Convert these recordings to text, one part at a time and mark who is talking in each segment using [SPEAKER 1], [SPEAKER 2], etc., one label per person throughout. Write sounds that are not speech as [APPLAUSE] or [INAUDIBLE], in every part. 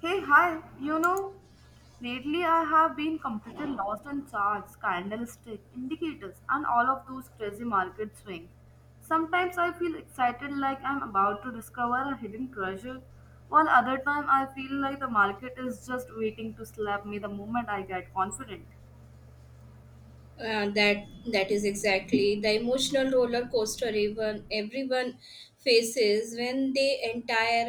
[SPEAKER 1] Hey, hi. You know, lately I have been completely lost on charts, candlestick, indicators, and all of those crazy market swings. Sometimes I feel excited like I'm about to discover a hidden treasure, while other time I feel like the market is just waiting to slap me the moment I get confident.
[SPEAKER 2] Uh, that that is exactly the emotional roller coaster even everyone faces when they entire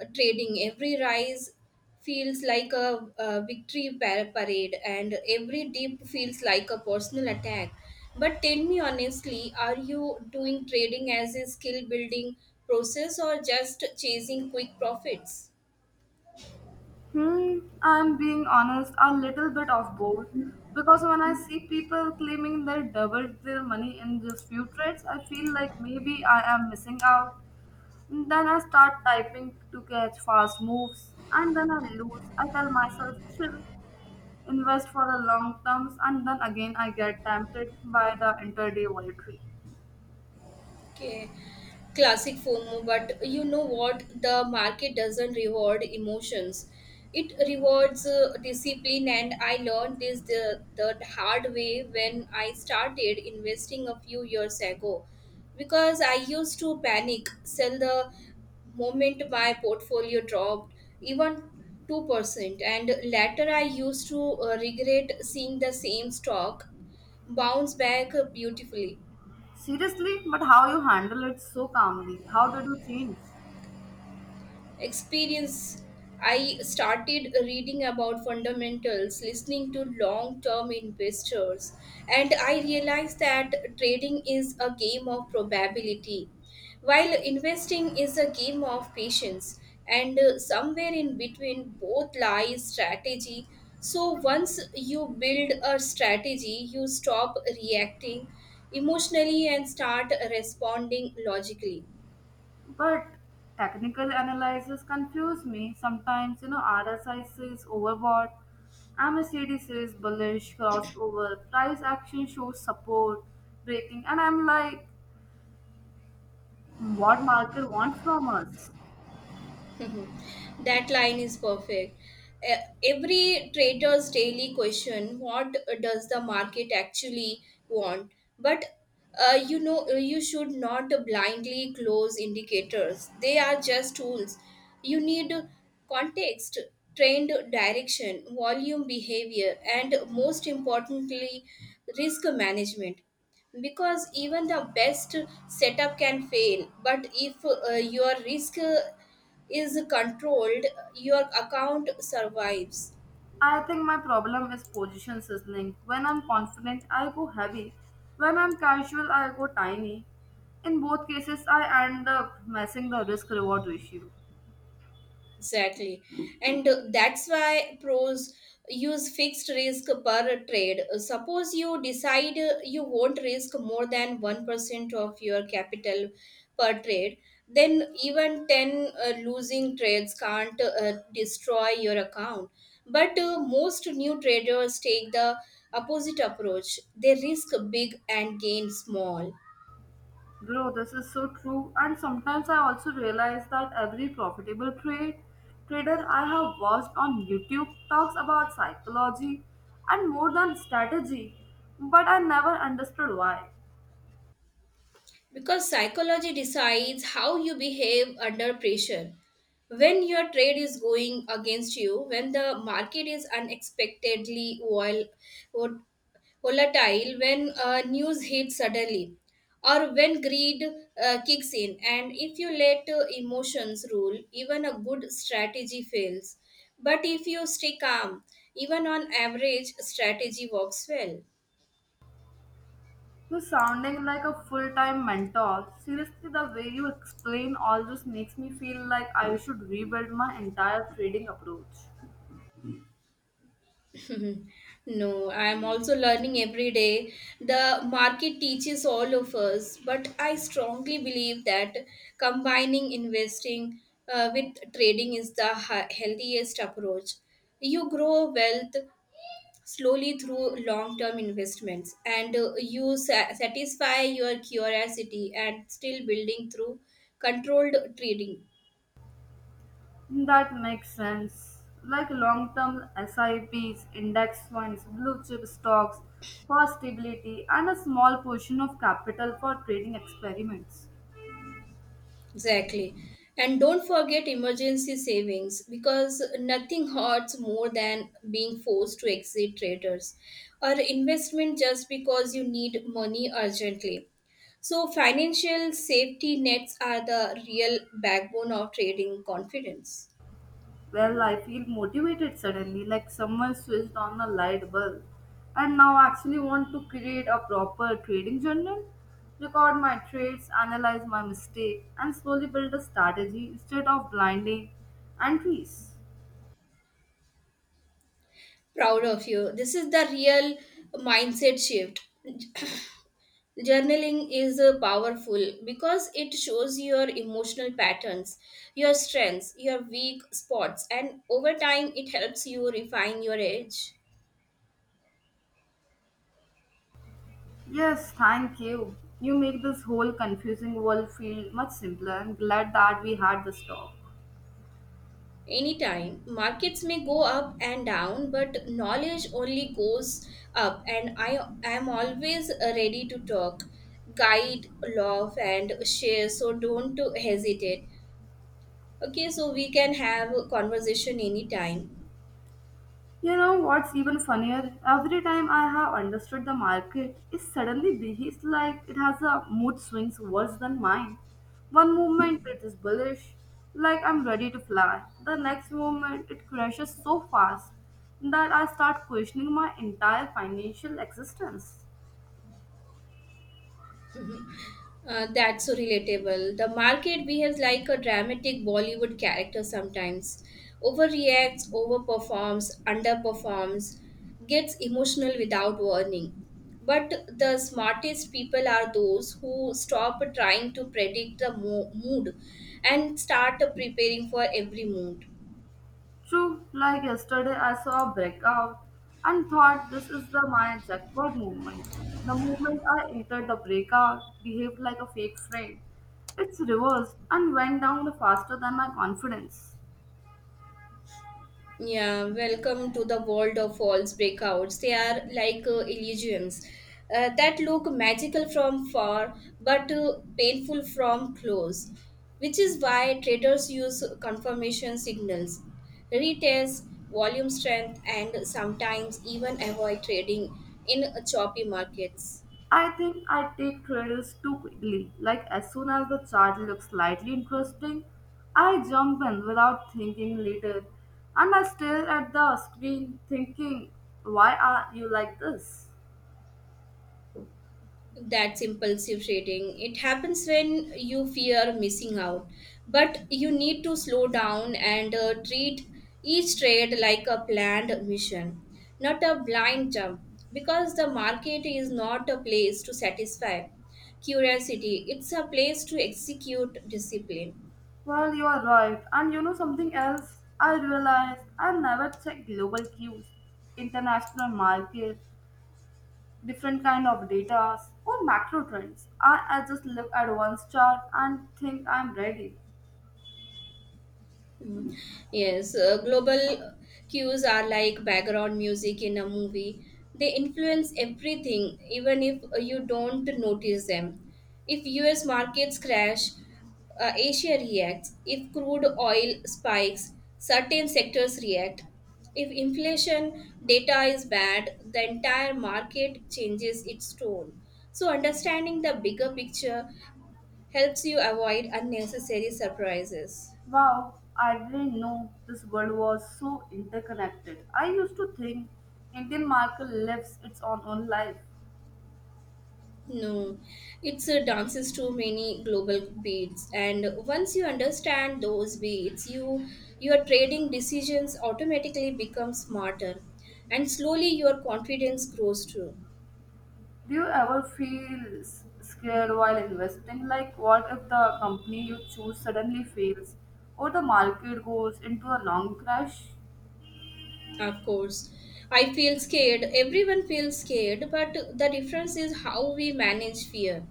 [SPEAKER 2] trading. Every rise feels like a victory parade and every dip feels like a personal attack. But tell me honestly, are you doing trading as a skill building process or just chasing quick profits?
[SPEAKER 1] Hmm, I'm being honest, a little bit of both. Because when I see people claiming they doubled their money in just few trades, I feel like maybe I am missing out. Then I start typing to catch fast moves and then I lose. I tell myself, chill, invest for the long terms, and then again I get tempted by the intraday volatility.
[SPEAKER 2] Okay, classic FOMO, but you know what? The market doesn't reward emotions. It rewards discipline, and I learned this the hard way when I started investing a few years ago. Because I used to panic sell the moment my portfolio dropped, even 2%. And later, I used to regret seeing the same stock bounce back beautifully.
[SPEAKER 1] Seriously, but how you handle it so calmly? How did you change?
[SPEAKER 2] Experience. I started reading about fundamentals, listening to long term investors, and I realized that trading is a game of probability while investing is a game of patience, and somewhere in between both lies strategy. So once you build a strategy, you stop reacting emotionally and start responding logically.
[SPEAKER 1] But technical analysis confuse me. Sometimes, you know, RSI says overbought, MACD says bullish, crossover, price action shows support, breaking, and I'm like, what market wants from us?
[SPEAKER 2] [LAUGHS] That line is perfect. Every trader's daily question: what does the market actually want? But you know, you should not blindly close indicators, they are just tools. You need context, trend direction, volume behavior, and most importantly, risk management, because even the best setup can fail, but if your risk is controlled, your account survives.
[SPEAKER 1] I think my problem is position sizzling. When I'm confident, I go heavy. When I'm casual, I go tiny. In both cases, I end up messing the risk reward ratio.
[SPEAKER 2] Exactly. And that's why pros use fixed risk per trade. Suppose you decide you won't risk more than 1% of your capital per trade, then even 10 losing trades can't destroy your account. But most new traders take the opposite approach. They risk big and gain small.
[SPEAKER 1] Bro, this is so true. And sometimes I also realize that every profitable trade trader I have watched on YouTube talks about psychology and more than strategy, but I never understood why.
[SPEAKER 2] Because psychology decides how you behave under pressure. When your trade is going against you, when the market is unexpectedly vol- volatile, when news hits suddenly, or when greed kicks in, and if you let emotions rule, even a good strategy fails. But if you stay calm, even on average, strategy works well.
[SPEAKER 1] You're sounding like a full time mentor. Seriously, the way you explain all this makes me feel like I should rebuild my entire trading approach.
[SPEAKER 2] No, I am also learning every day. The market teaches all of us, but I strongly believe that combining investing with trading is the healthiest approach. You grow wealth slowly through long term investments, and you satisfy your curiosity and still building through controlled trading.
[SPEAKER 1] That makes sense. Like long term SIPs, index funds, blue chip stocks for stability, and a small portion of capital for trading experiments.
[SPEAKER 2] Exactly. And don't forget emergency savings, because nothing hurts more than being forced to exit traders or investment just because you need money urgently. So, financial safety nets are the real backbone of trading confidence.
[SPEAKER 1] Well, I feel motivated suddenly, like someone switched on a light bulb. And now I actually want to create a proper trading journal, record my trades, analyze my mistake, and slowly build a strategy instead of blinding entries.
[SPEAKER 2] Proud of you. This is the real mindset shift. Journaling is powerful because it shows your emotional patterns, your strengths, your weak spots, and over time it helps you refine your edge.
[SPEAKER 1] Yes, thank you. You make this whole confusing world feel much simpler. I'm glad that we had this talk.
[SPEAKER 2] Anytime. Markets may go up and down, but knowledge only goes up, and I am always ready to talk, guide, laugh, and share, so don't hesitate. Okay, so we can have a conversation anytime.
[SPEAKER 1] You know what's even funnier? Every time I have understood the market, it suddenly behaves like it has a mood swings worse than mine. One moment it is bullish, like I'm ready to fly. The next moment it crashes so fast that I start questioning my entire financial existence.
[SPEAKER 2] That's so relatable. The market behaves like a dramatic Bollywood character sometimes. Overreacts, overperforms, underperforms, gets emotional without warning. But the smartest people are those who stop trying to predict the mood and start preparing for every mood.
[SPEAKER 1] True, like yesterday, I saw a breakout and thought this is the my jackpot movement. The moment I entered the breakout, behaved like a fake friend. It's reversed and went down faster than my confidence.
[SPEAKER 2] Yeah, welcome to the world of false breakouts. They are like illusions that look magical from far but painful from close, which is why traders use confirmation signals, retests, volume strength, and sometimes even avoid trading in choppy markets.
[SPEAKER 1] I think I take credits too quickly. Like as soon as the chart looks slightly interesting, I jump in without thinking later, and I stare at the screen thinking, "Why are you like this?"
[SPEAKER 2] That's impulsive trading. It happens when you fear missing out, but you need to slow down and treat each trade like a planned mission, not a blind jump, because the market is not a place to satisfy curiosity, it's a place to execute discipline.
[SPEAKER 1] Well, you are right. And you know something else? I realized I never check global cues, international market, different kind of data, or macro trends. I just look at one chart and think I'm ready.
[SPEAKER 2] Yes, global cues are like background music in a movie. They influence everything, even if you don't notice them. If US markets crash, Asia reacts. If crude oil spikes, certain sectors react. If inflation data is bad, the entire market changes its tone. So, understanding the bigger picture helps you avoid unnecessary surprises.
[SPEAKER 1] Wow, I didn't know this world was so interconnected. I used to think Indian market lives its own life.
[SPEAKER 2] No, it's dances to many global beats, and once you understand those beats, your trading decisions automatically become smarter, and slowly your confidence grows too.
[SPEAKER 1] Do you ever feel scared while investing? Like, what if the company you choose suddenly fails or the market goes into a long crash?
[SPEAKER 2] Of course. I feel scared. Everyone feels scared, but the difference is how we manage fear.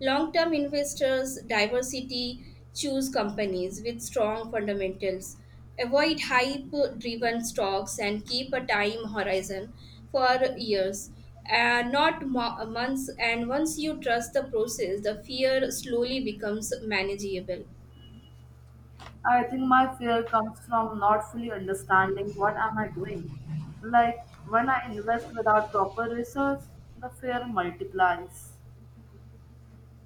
[SPEAKER 2] Long term investors, diversity, choose companies with strong fundamentals, avoid hype driven stocks, and keep a time horizon for years. Not months, and once you trust the process, the fear slowly becomes manageable.
[SPEAKER 1] I think my fear comes from not fully understanding what am I doing. Like when I invest without proper research, the fear multiplies.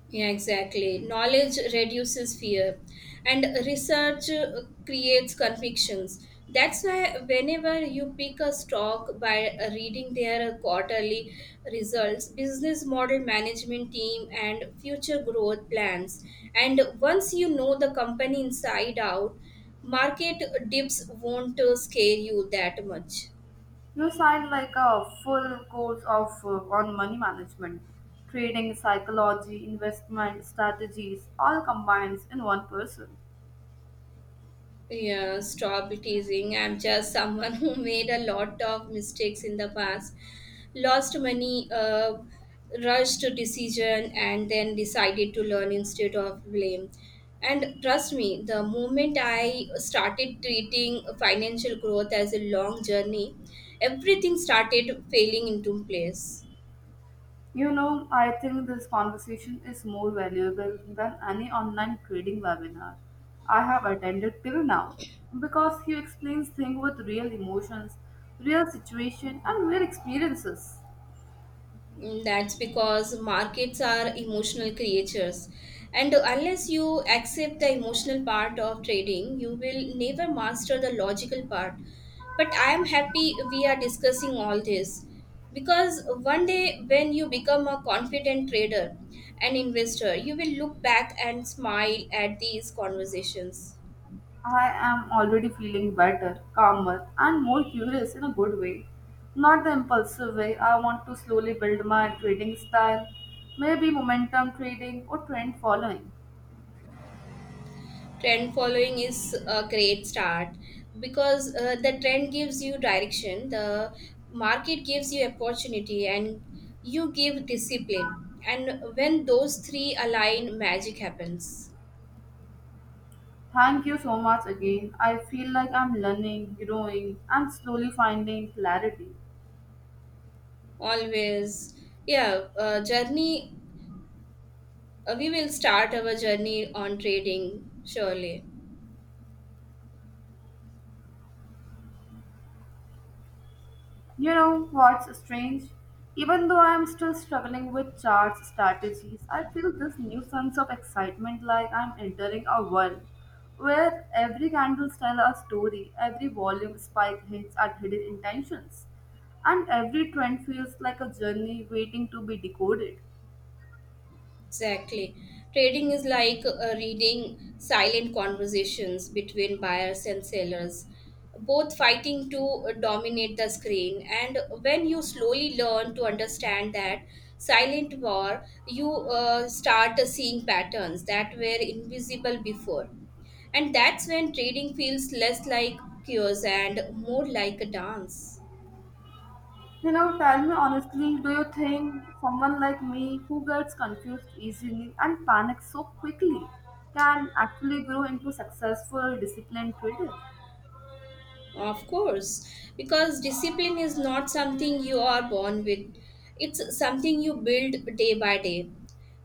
[SPEAKER 2] Yeah, exactly. Knowledge reduces fear, and research creates convictions. That's why, whenever you pick a stock, by reading their quarterly results, business model, management team, and future growth plans, and once you know the company inside out, market dips won't scare you that much.
[SPEAKER 1] You sign like a full course of on money management, trading, psychology, investment strategies, all combines in one person.
[SPEAKER 2] Yeah, stop teasing. I'm just someone [LAUGHS] who made a lot of mistakes in the past, lost money, rushed to decision, and then decided to learn instead of blame. And trust me, the moment I started treating financial growth as a long journey, everything started falling into place.
[SPEAKER 1] You know, I think this conversation is more valuable than any online trading webinar I have attended till now because he explains things with real emotions, real situation and real experiences.
[SPEAKER 2] Mm, that's because markets are emotional creatures. And unless you accept the emotional part of trading, you will never master the logical part. But I am happy we are discussing all this, because one day when you become a confident trader and investor, you will look back and smile at these conversations.
[SPEAKER 1] I am already feeling better, calmer and more curious in a good way. Not the impulsive way. I want to slowly build my trading style, maybe momentum trading or trend following.
[SPEAKER 2] Trend following is a great start because the trend gives you direction, the market gives you opportunity, and you give discipline, and when those three align, magic happens.
[SPEAKER 1] Thank you so much again. I feel like I'm learning, growing, and slowly finding clarity.
[SPEAKER 2] Always, yeah. Journey, we will start our journey on trading surely.
[SPEAKER 1] You know what's strange? Even though I'm still struggling with charts, strategies, I feel this new sense of excitement like I'm entering a world where every candle tells a story, every volume spike hints at hidden intentions, and every trend feels like a journey waiting to be decoded.
[SPEAKER 2] Exactly. Trading is like reading silent conversations between buyers and sellers, both fighting to dominate the screen. And when you slowly learn to understand that silent war, you start seeing patterns that were invisible before. And that's when trading feels less like cures and more like a dance.
[SPEAKER 1] You know, tell me honestly, do you think someone like me who gets confused easily and panics so quickly can actually grow into successful, disciplined trader?
[SPEAKER 2] Of course, because discipline is not something you are born with, it's something you build day by day.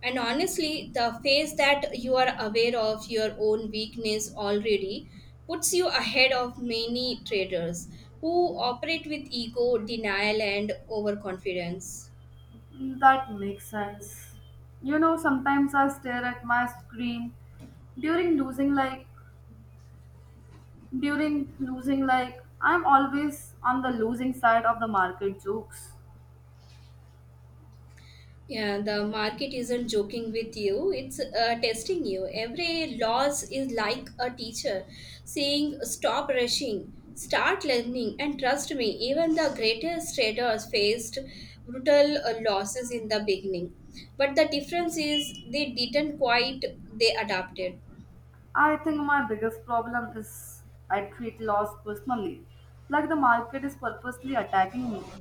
[SPEAKER 2] And honestly, the phase that you are aware of your own weakness already puts you ahead of many traders who operate with ego, denial, and overconfidence.
[SPEAKER 1] Mm, that makes sense. You know, sometimes I stare at my screen during losing like during losing like I'm always on the losing side of the market jokes.
[SPEAKER 2] Yeah, the market isn't joking with you, it's testing you. Every loss is like a teacher saying, stop rushing, start learning, and trust me, even the greatest traders faced brutal losses in the beginning. But the difference is they didn't quite, they adapted.
[SPEAKER 1] I think my biggest problem is I treat loss personally, like the market is purposely attacking me.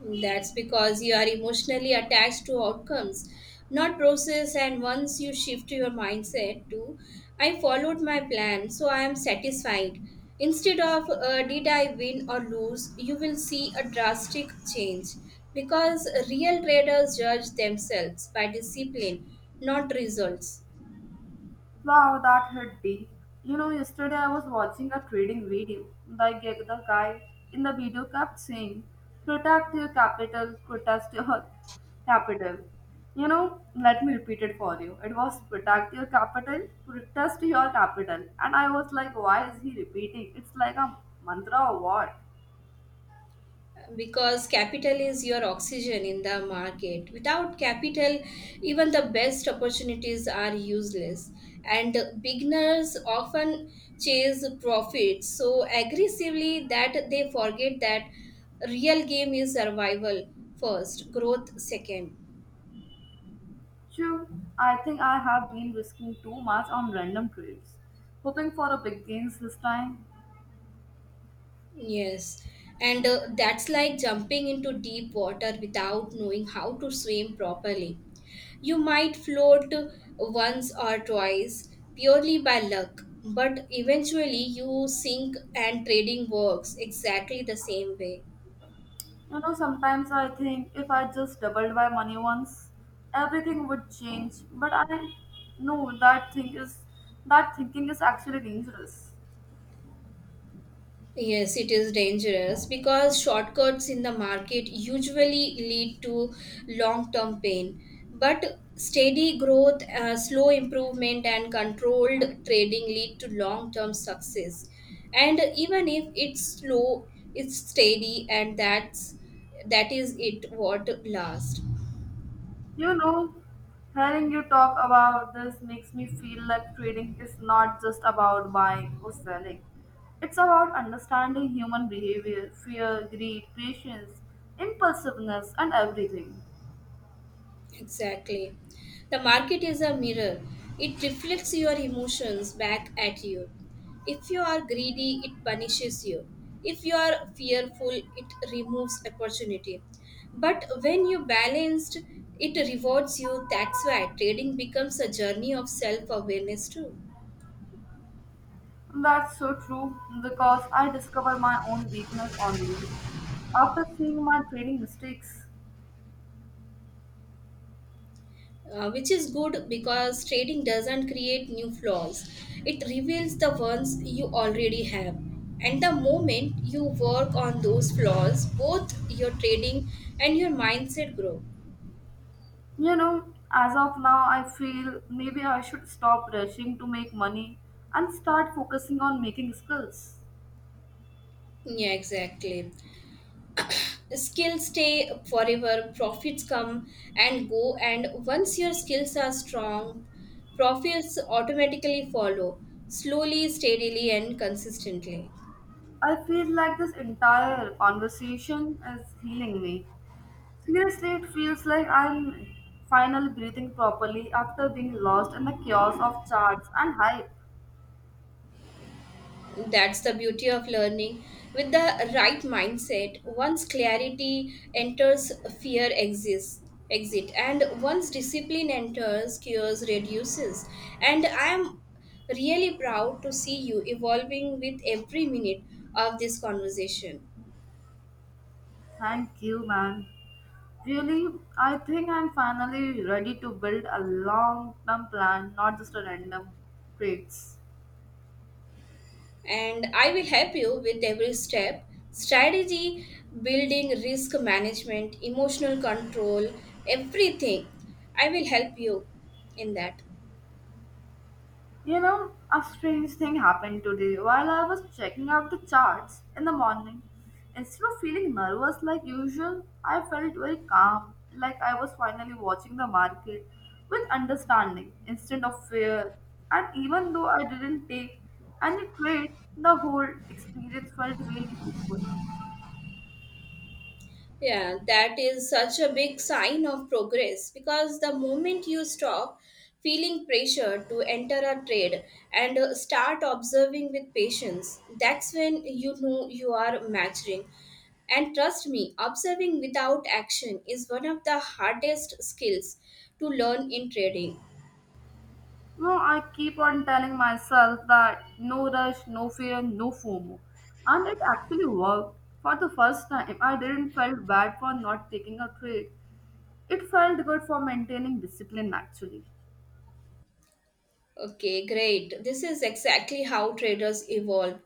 [SPEAKER 2] That's because you are emotionally attached to outcomes, not process. And once you shift your mindset to, I followed my plan, so I am satisfied. Instead of, did I win or lose, you will see a drastic change because real traders judge themselves by discipline, not results.
[SPEAKER 1] Wow, that hit deep. You know, yesterday I was watching a trading video. The guy in the video kept saying, protect your capital, protest your capital. You know, let me repeat it for you. It was protect your capital, protest your capital. And I was like, why is he repeating? It's like a mantra or what?
[SPEAKER 2] Because capital is your oxygen in the market. Without capital, even the best opportunities are useless, and beginners often chase profits so aggressively that they forget that real game is survival first, growth second.
[SPEAKER 1] True, I think I have been risking too much on random trades, hoping for a big gains this time.
[SPEAKER 2] Yes, and that's like jumping into deep water without knowing how to swim properly. You might float once or twice purely by luck, but eventually you sink, and trading works exactly the same way.
[SPEAKER 1] You know, sometimes I think if I just doubled my money once, everything would change. But I know that thinking is actually dangerous.
[SPEAKER 2] Yes, it is dangerous, because shortcuts in the market usually lead to long term pain. But steady growth, slow improvement, and controlled trading lead to long term success. And even if it's slow, it's steady, and that is it what lasts.
[SPEAKER 1] You know, hearing you talk about this makes me feel like trading is not just about buying or selling. It's about understanding human behavior, fear, greed, patience, impulsiveness, and everything.
[SPEAKER 2] Exactly. The market is a mirror. It reflects your emotions back at you. If you are greedy, it punishes you. If you are fearful, it removes opportunity. But when you balanced, it rewards you. That's why trading becomes a journey of self awareness, too.
[SPEAKER 1] That's so true because I discover my own weakness only after seeing my trading mistakes,
[SPEAKER 2] Which is good, because trading doesn't create new flaws. It reveals the ones you already have. And the moment you work on those flaws, both your trading and your mindset grow.
[SPEAKER 1] you know, as of now, I feel maybe I should stop rushing to make money and start focusing on making skills.
[SPEAKER 2] Yeah, exactly. Skills stay forever, profits come and go, and once your skills are strong, profits automatically follow, slowly, steadily, and consistently.
[SPEAKER 1] I feel like this entire conversation is healing me. Seriously, it feels like I'm finally breathing properly after being lost in the chaos of charts and hype.
[SPEAKER 2] That's the beauty of learning. With the right mindset, once clarity enters, fear exists. Exit, and once discipline enters, cures reduces. And I am really proud to see you evolving with every minute of this conversation.
[SPEAKER 1] Thank you, man. Really, I think I'm finally ready to build a long term plan, not just a random traits.
[SPEAKER 2] And I will help you with every step: strategy, building, risk management, emotional control, everything. I will help you in that.
[SPEAKER 1] You know, a strange thing happened today while I was checking out the charts in the morning. Instead of feeling nervous like usual, I felt very calm, like I was finally watching the market with understanding instead of fear. And even though I didn't take any trade, the whole experience felt really peaceful.
[SPEAKER 2] Yeah, that is such a big sign of progress, because the moment you stop feeling pressure to enter a trade and start observing with patience, that's when you know you are maturing. And trust me, observing without action is one of the hardest skills to learn in trading.
[SPEAKER 1] No, I keep on telling myself that no rush, no fear, no FOMO. And it actually worked. For the first time, I didn't felt bad for not taking a trade. It felt good for maintaining discipline actually.
[SPEAKER 2] Okay, great. This is exactly how traders evolve.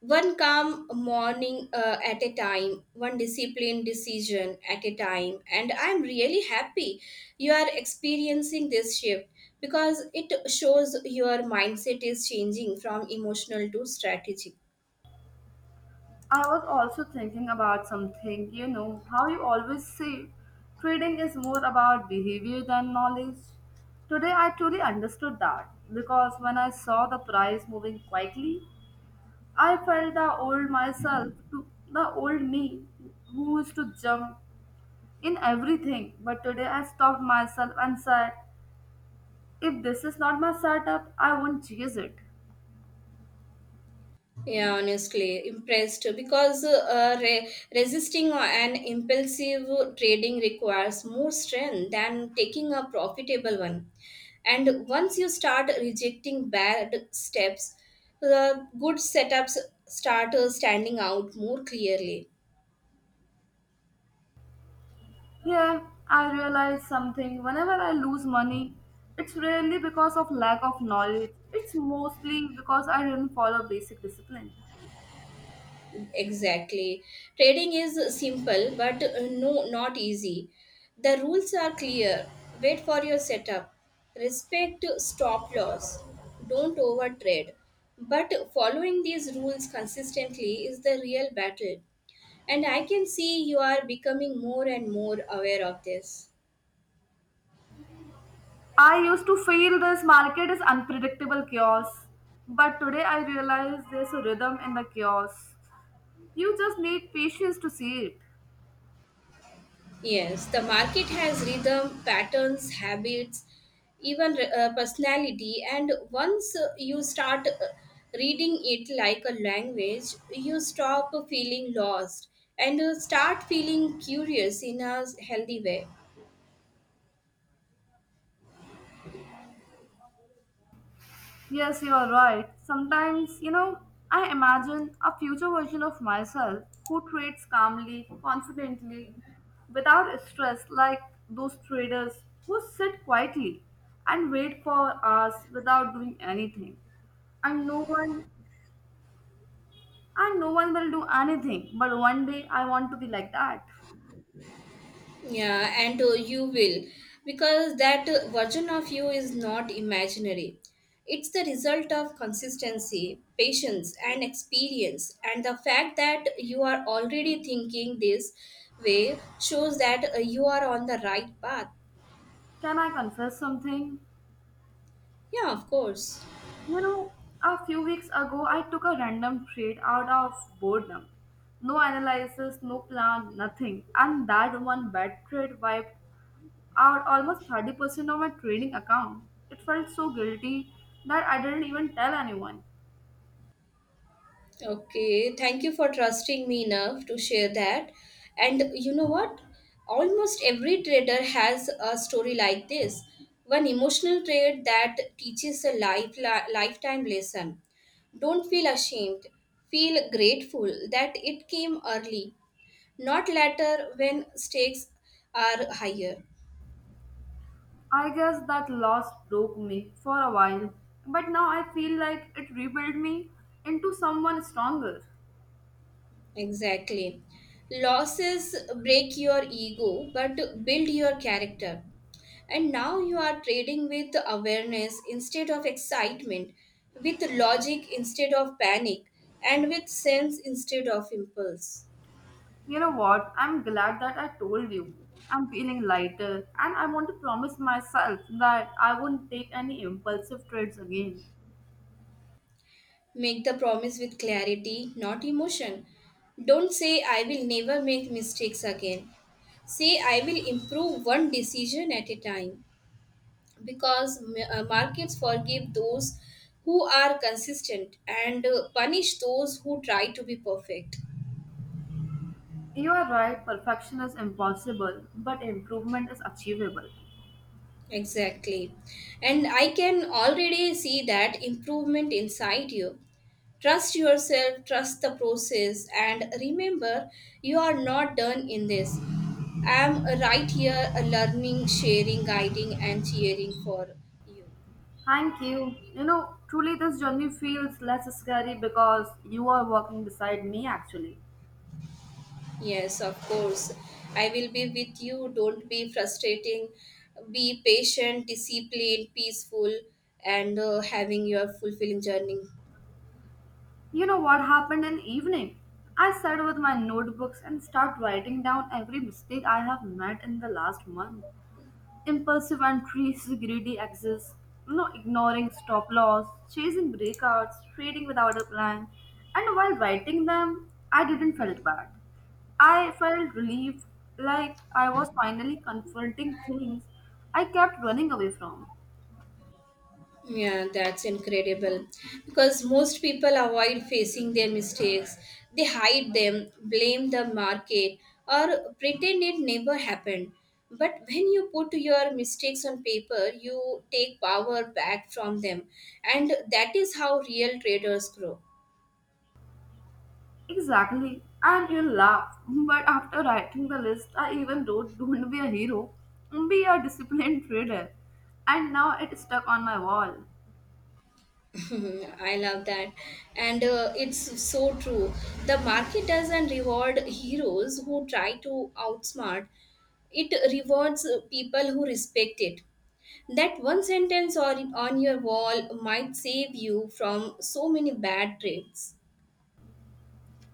[SPEAKER 2] One calm morning at a time, one disciplined decision at a time. And I'm really happy you are experiencing this shift, because it shows your mindset is changing from emotional to strategic.
[SPEAKER 1] I was also thinking about something, you know, how you always say trading is more about behavior than knowledge. Today I truly understood that because when I saw the price moving quietly, I felt the old myself, to the old me who used to jump in everything. But today I stopped myself and said, if this is not my setup, I won't chase it.
[SPEAKER 2] Yeah, honestly, impressed because resisting an impulsive trading requires more strength than taking a profitable one. And once you start rejecting bad steps, the good setups start standing out more clearly.
[SPEAKER 1] Yeah, I realized something. Whenever I lose money, it's rarely because of lack of knowledge. It's mostly because I didn't follow basic discipline.
[SPEAKER 2] Exactly. Trading is simple but no, not easy. The rules are clear. Wait for your setup. Respect stop loss. Don't overtrade. But following these rules consistently is the real battle. And I can see you are becoming more and more aware of this.
[SPEAKER 1] I used to feel this market is unpredictable chaos, but today I realize there's a rhythm in the chaos. You just need patience to see it.
[SPEAKER 2] Yes, the market has rhythm, patterns, habits, even personality, and once you start reading it like a language, you stop feeling lost and start feeling curious in a healthy way.
[SPEAKER 1] Yes, you are right. Sometimes, you know, I imagine a future version of myself who trades calmly, confidently, without stress, like those traders who sit quietly and wait for hours without doing anything. And no one and no one will do anything. But one day I want to be like that.
[SPEAKER 2] Yeah, and you will, because that version of you is not imaginary. It's the result of consistency, patience, and experience. And the fact that you are already thinking this way shows that you are on the right path.
[SPEAKER 1] Can I confess something?
[SPEAKER 2] Yeah, of course.
[SPEAKER 1] You know, a few weeks ago, I took a random trade out of boredom. No analysis, no plan, nothing. And that one bad trade wiped out almost 30% of my trading account. It felt so guilty that I didn't even tell anyone.
[SPEAKER 2] Okay, thank you for trusting me enough to share that. And you know what? Almost every trader has a story like this. One emotional trade that teaches a lifetime lesson. Don't feel ashamed. Feel grateful that it came early, not later when stakes are higher.
[SPEAKER 1] I guess that loss broke me for a while. But now I feel like it rebuilt me into someone stronger.
[SPEAKER 2] Exactly. Losses break your ego but build your character. And now you are trading with awareness instead of excitement, with logic instead of panic, and with sense instead of impulse.
[SPEAKER 1] You know what? I'm glad that I told you. I'm feeling lighter, and I want to promise myself that I won't take any impulsive trades again.
[SPEAKER 2] Make the promise with clarity, not emotion. Don't say, "I will never make mistakes again." Say, "I will improve one decision at a time." Because markets forgive those who are consistent and punish those who try to be perfect.
[SPEAKER 1] You are right, perfection is impossible, but improvement is achievable.
[SPEAKER 2] Exactly. And I can already see that improvement inside you. Trust yourself, trust the process, and remember, you are not done in this. I am right here, learning, sharing, guiding, and cheering for you.
[SPEAKER 1] Thank you. You know, truly, this journey feels less scary because you are walking beside me actually.
[SPEAKER 2] Yes, of course. I will be with you. Don't be frustrating. Be patient, disciplined, peaceful, and having your fulfilling journey.
[SPEAKER 1] You know what happened in evening? I sat with my notebooks and start writing down every mistake I have made in the last month. Impulsive and trees greedy excess, you know, ignoring stop loss, chasing breakouts, trading without a plan. And while writing them, I didn't felt bad. I felt relieved, like I was finally confronting things I kept running away from.
[SPEAKER 2] Yeah, that's incredible. Because most people avoid facing their mistakes, they hide them, blame the market, or pretend it never happened. But when you put your mistakes on paper, you take power back from them. And that is how real traders grow.
[SPEAKER 1] Exactly. And you'll laugh. But after writing the list, I even wrote, don't be a hero, be a disciplined trader. And now it's stuck on my wall.
[SPEAKER 2] Mhm, I love that. And it's so true. The market doesn't reward heroes who try to outsmart, it rewards people who respect it. That one sentence on your wall might save you from so many bad trades.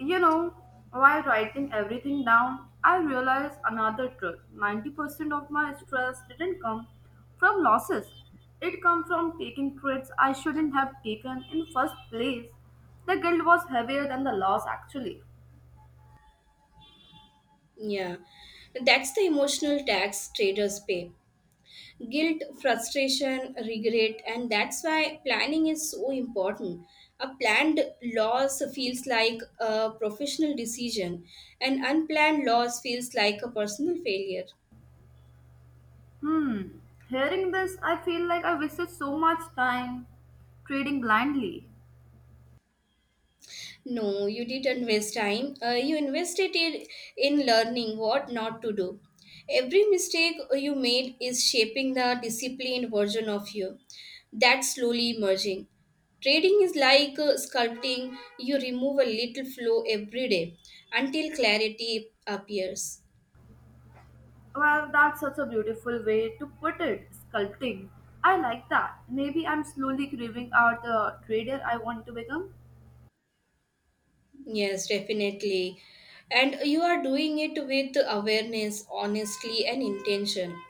[SPEAKER 1] You know, while writing everything down, I realized another truth. 90% of my stress didn't come from losses. It came from taking trades I shouldn't have taken in first place. The guilt was heavier than the loss actually.
[SPEAKER 2] Yeah, that's the emotional tax traders pay. Guilt, frustration, regret, and that's why planning is so important. A planned loss feels like a professional decision, and unplanned loss feels like a personal failure.
[SPEAKER 1] Hmm. Hearing this, I feel like I wasted so much time trading blindly.
[SPEAKER 2] No, you didn't waste time. You invested it in learning what not to do. Every mistake you made is shaping the disciplined version of you. That's slowly emerging. Trading is like sculpting. You remove a little flow every day until clarity appears.
[SPEAKER 1] Well, that's such a beautiful way to put it, sculpting. I like that. Maybe I'm slowly craving out the trader I want to become.
[SPEAKER 2] Yes, definitely. And you are doing it with awareness, honestly, and intention.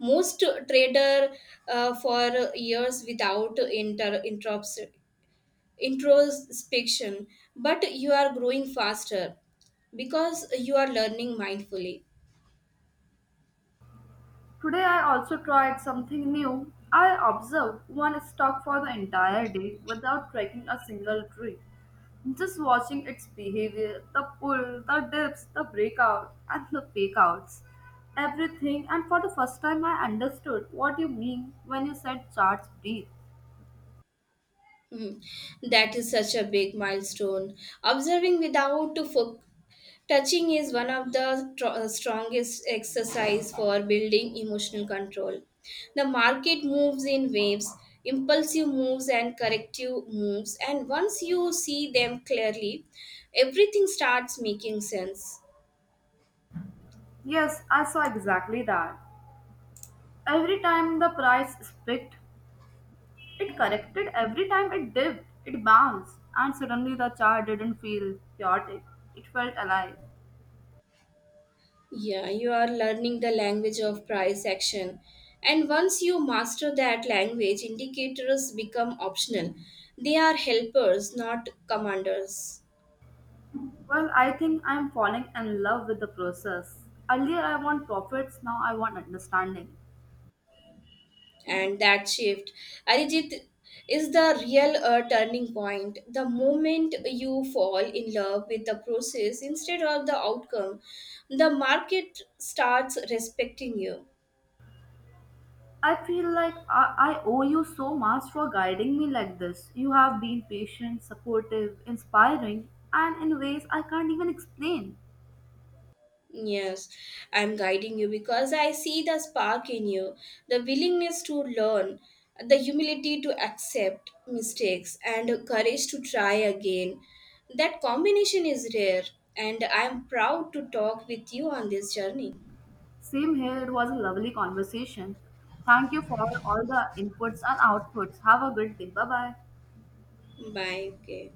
[SPEAKER 2] Most trader for years without interrupts introspection, but you are growing faster because you are learning mindfully.
[SPEAKER 1] Today I also tried something new. I observed one stalk for the entire day without striking a single tree. Just watching its behavior, the pull, the dips, the breakout, and the fakeouts. Everything, and for the first time, I understood what you mean when you said charts breathe.
[SPEAKER 2] Mm. That is such a big milestone. Observing without touching is one of the strongest exercise for building emotional control. The market moves in waves, impulsive moves and corrective moves, and once you see them clearly, everything starts making sense.
[SPEAKER 1] Yes, I saw exactly that. Every time the price spiked, it corrected. Every time it dipped, it bounced, and suddenly the chart didn't feel chaotic. It felt alive.
[SPEAKER 2] Yeah, you are learning the language of price action. And once you master that language, indicators become optional. They are helpers, not commanders.
[SPEAKER 1] Well, I think I'm falling in love with the process. Earlier, I want profits, now, I want understanding.
[SPEAKER 2] And that shift, Arijit, is the real turning point. The moment you fall in love with the process instead of the outcome, the market starts respecting you.
[SPEAKER 1] I feel like I owe you so much for guiding me like this. You have been patient, supportive, inspiring, and in ways I can't even explain.
[SPEAKER 2] Yes, I'm guiding you because I see the spark in you, the willingness to learn, the humility to accept mistakes, and courage to try again. That combination is rare, and I'm proud to talk with you on this journey.
[SPEAKER 1] Same here, it was a lovely conversation. Thank you for all the inputs and outputs. Have a good day. Bye bye.
[SPEAKER 2] Bye. Okay.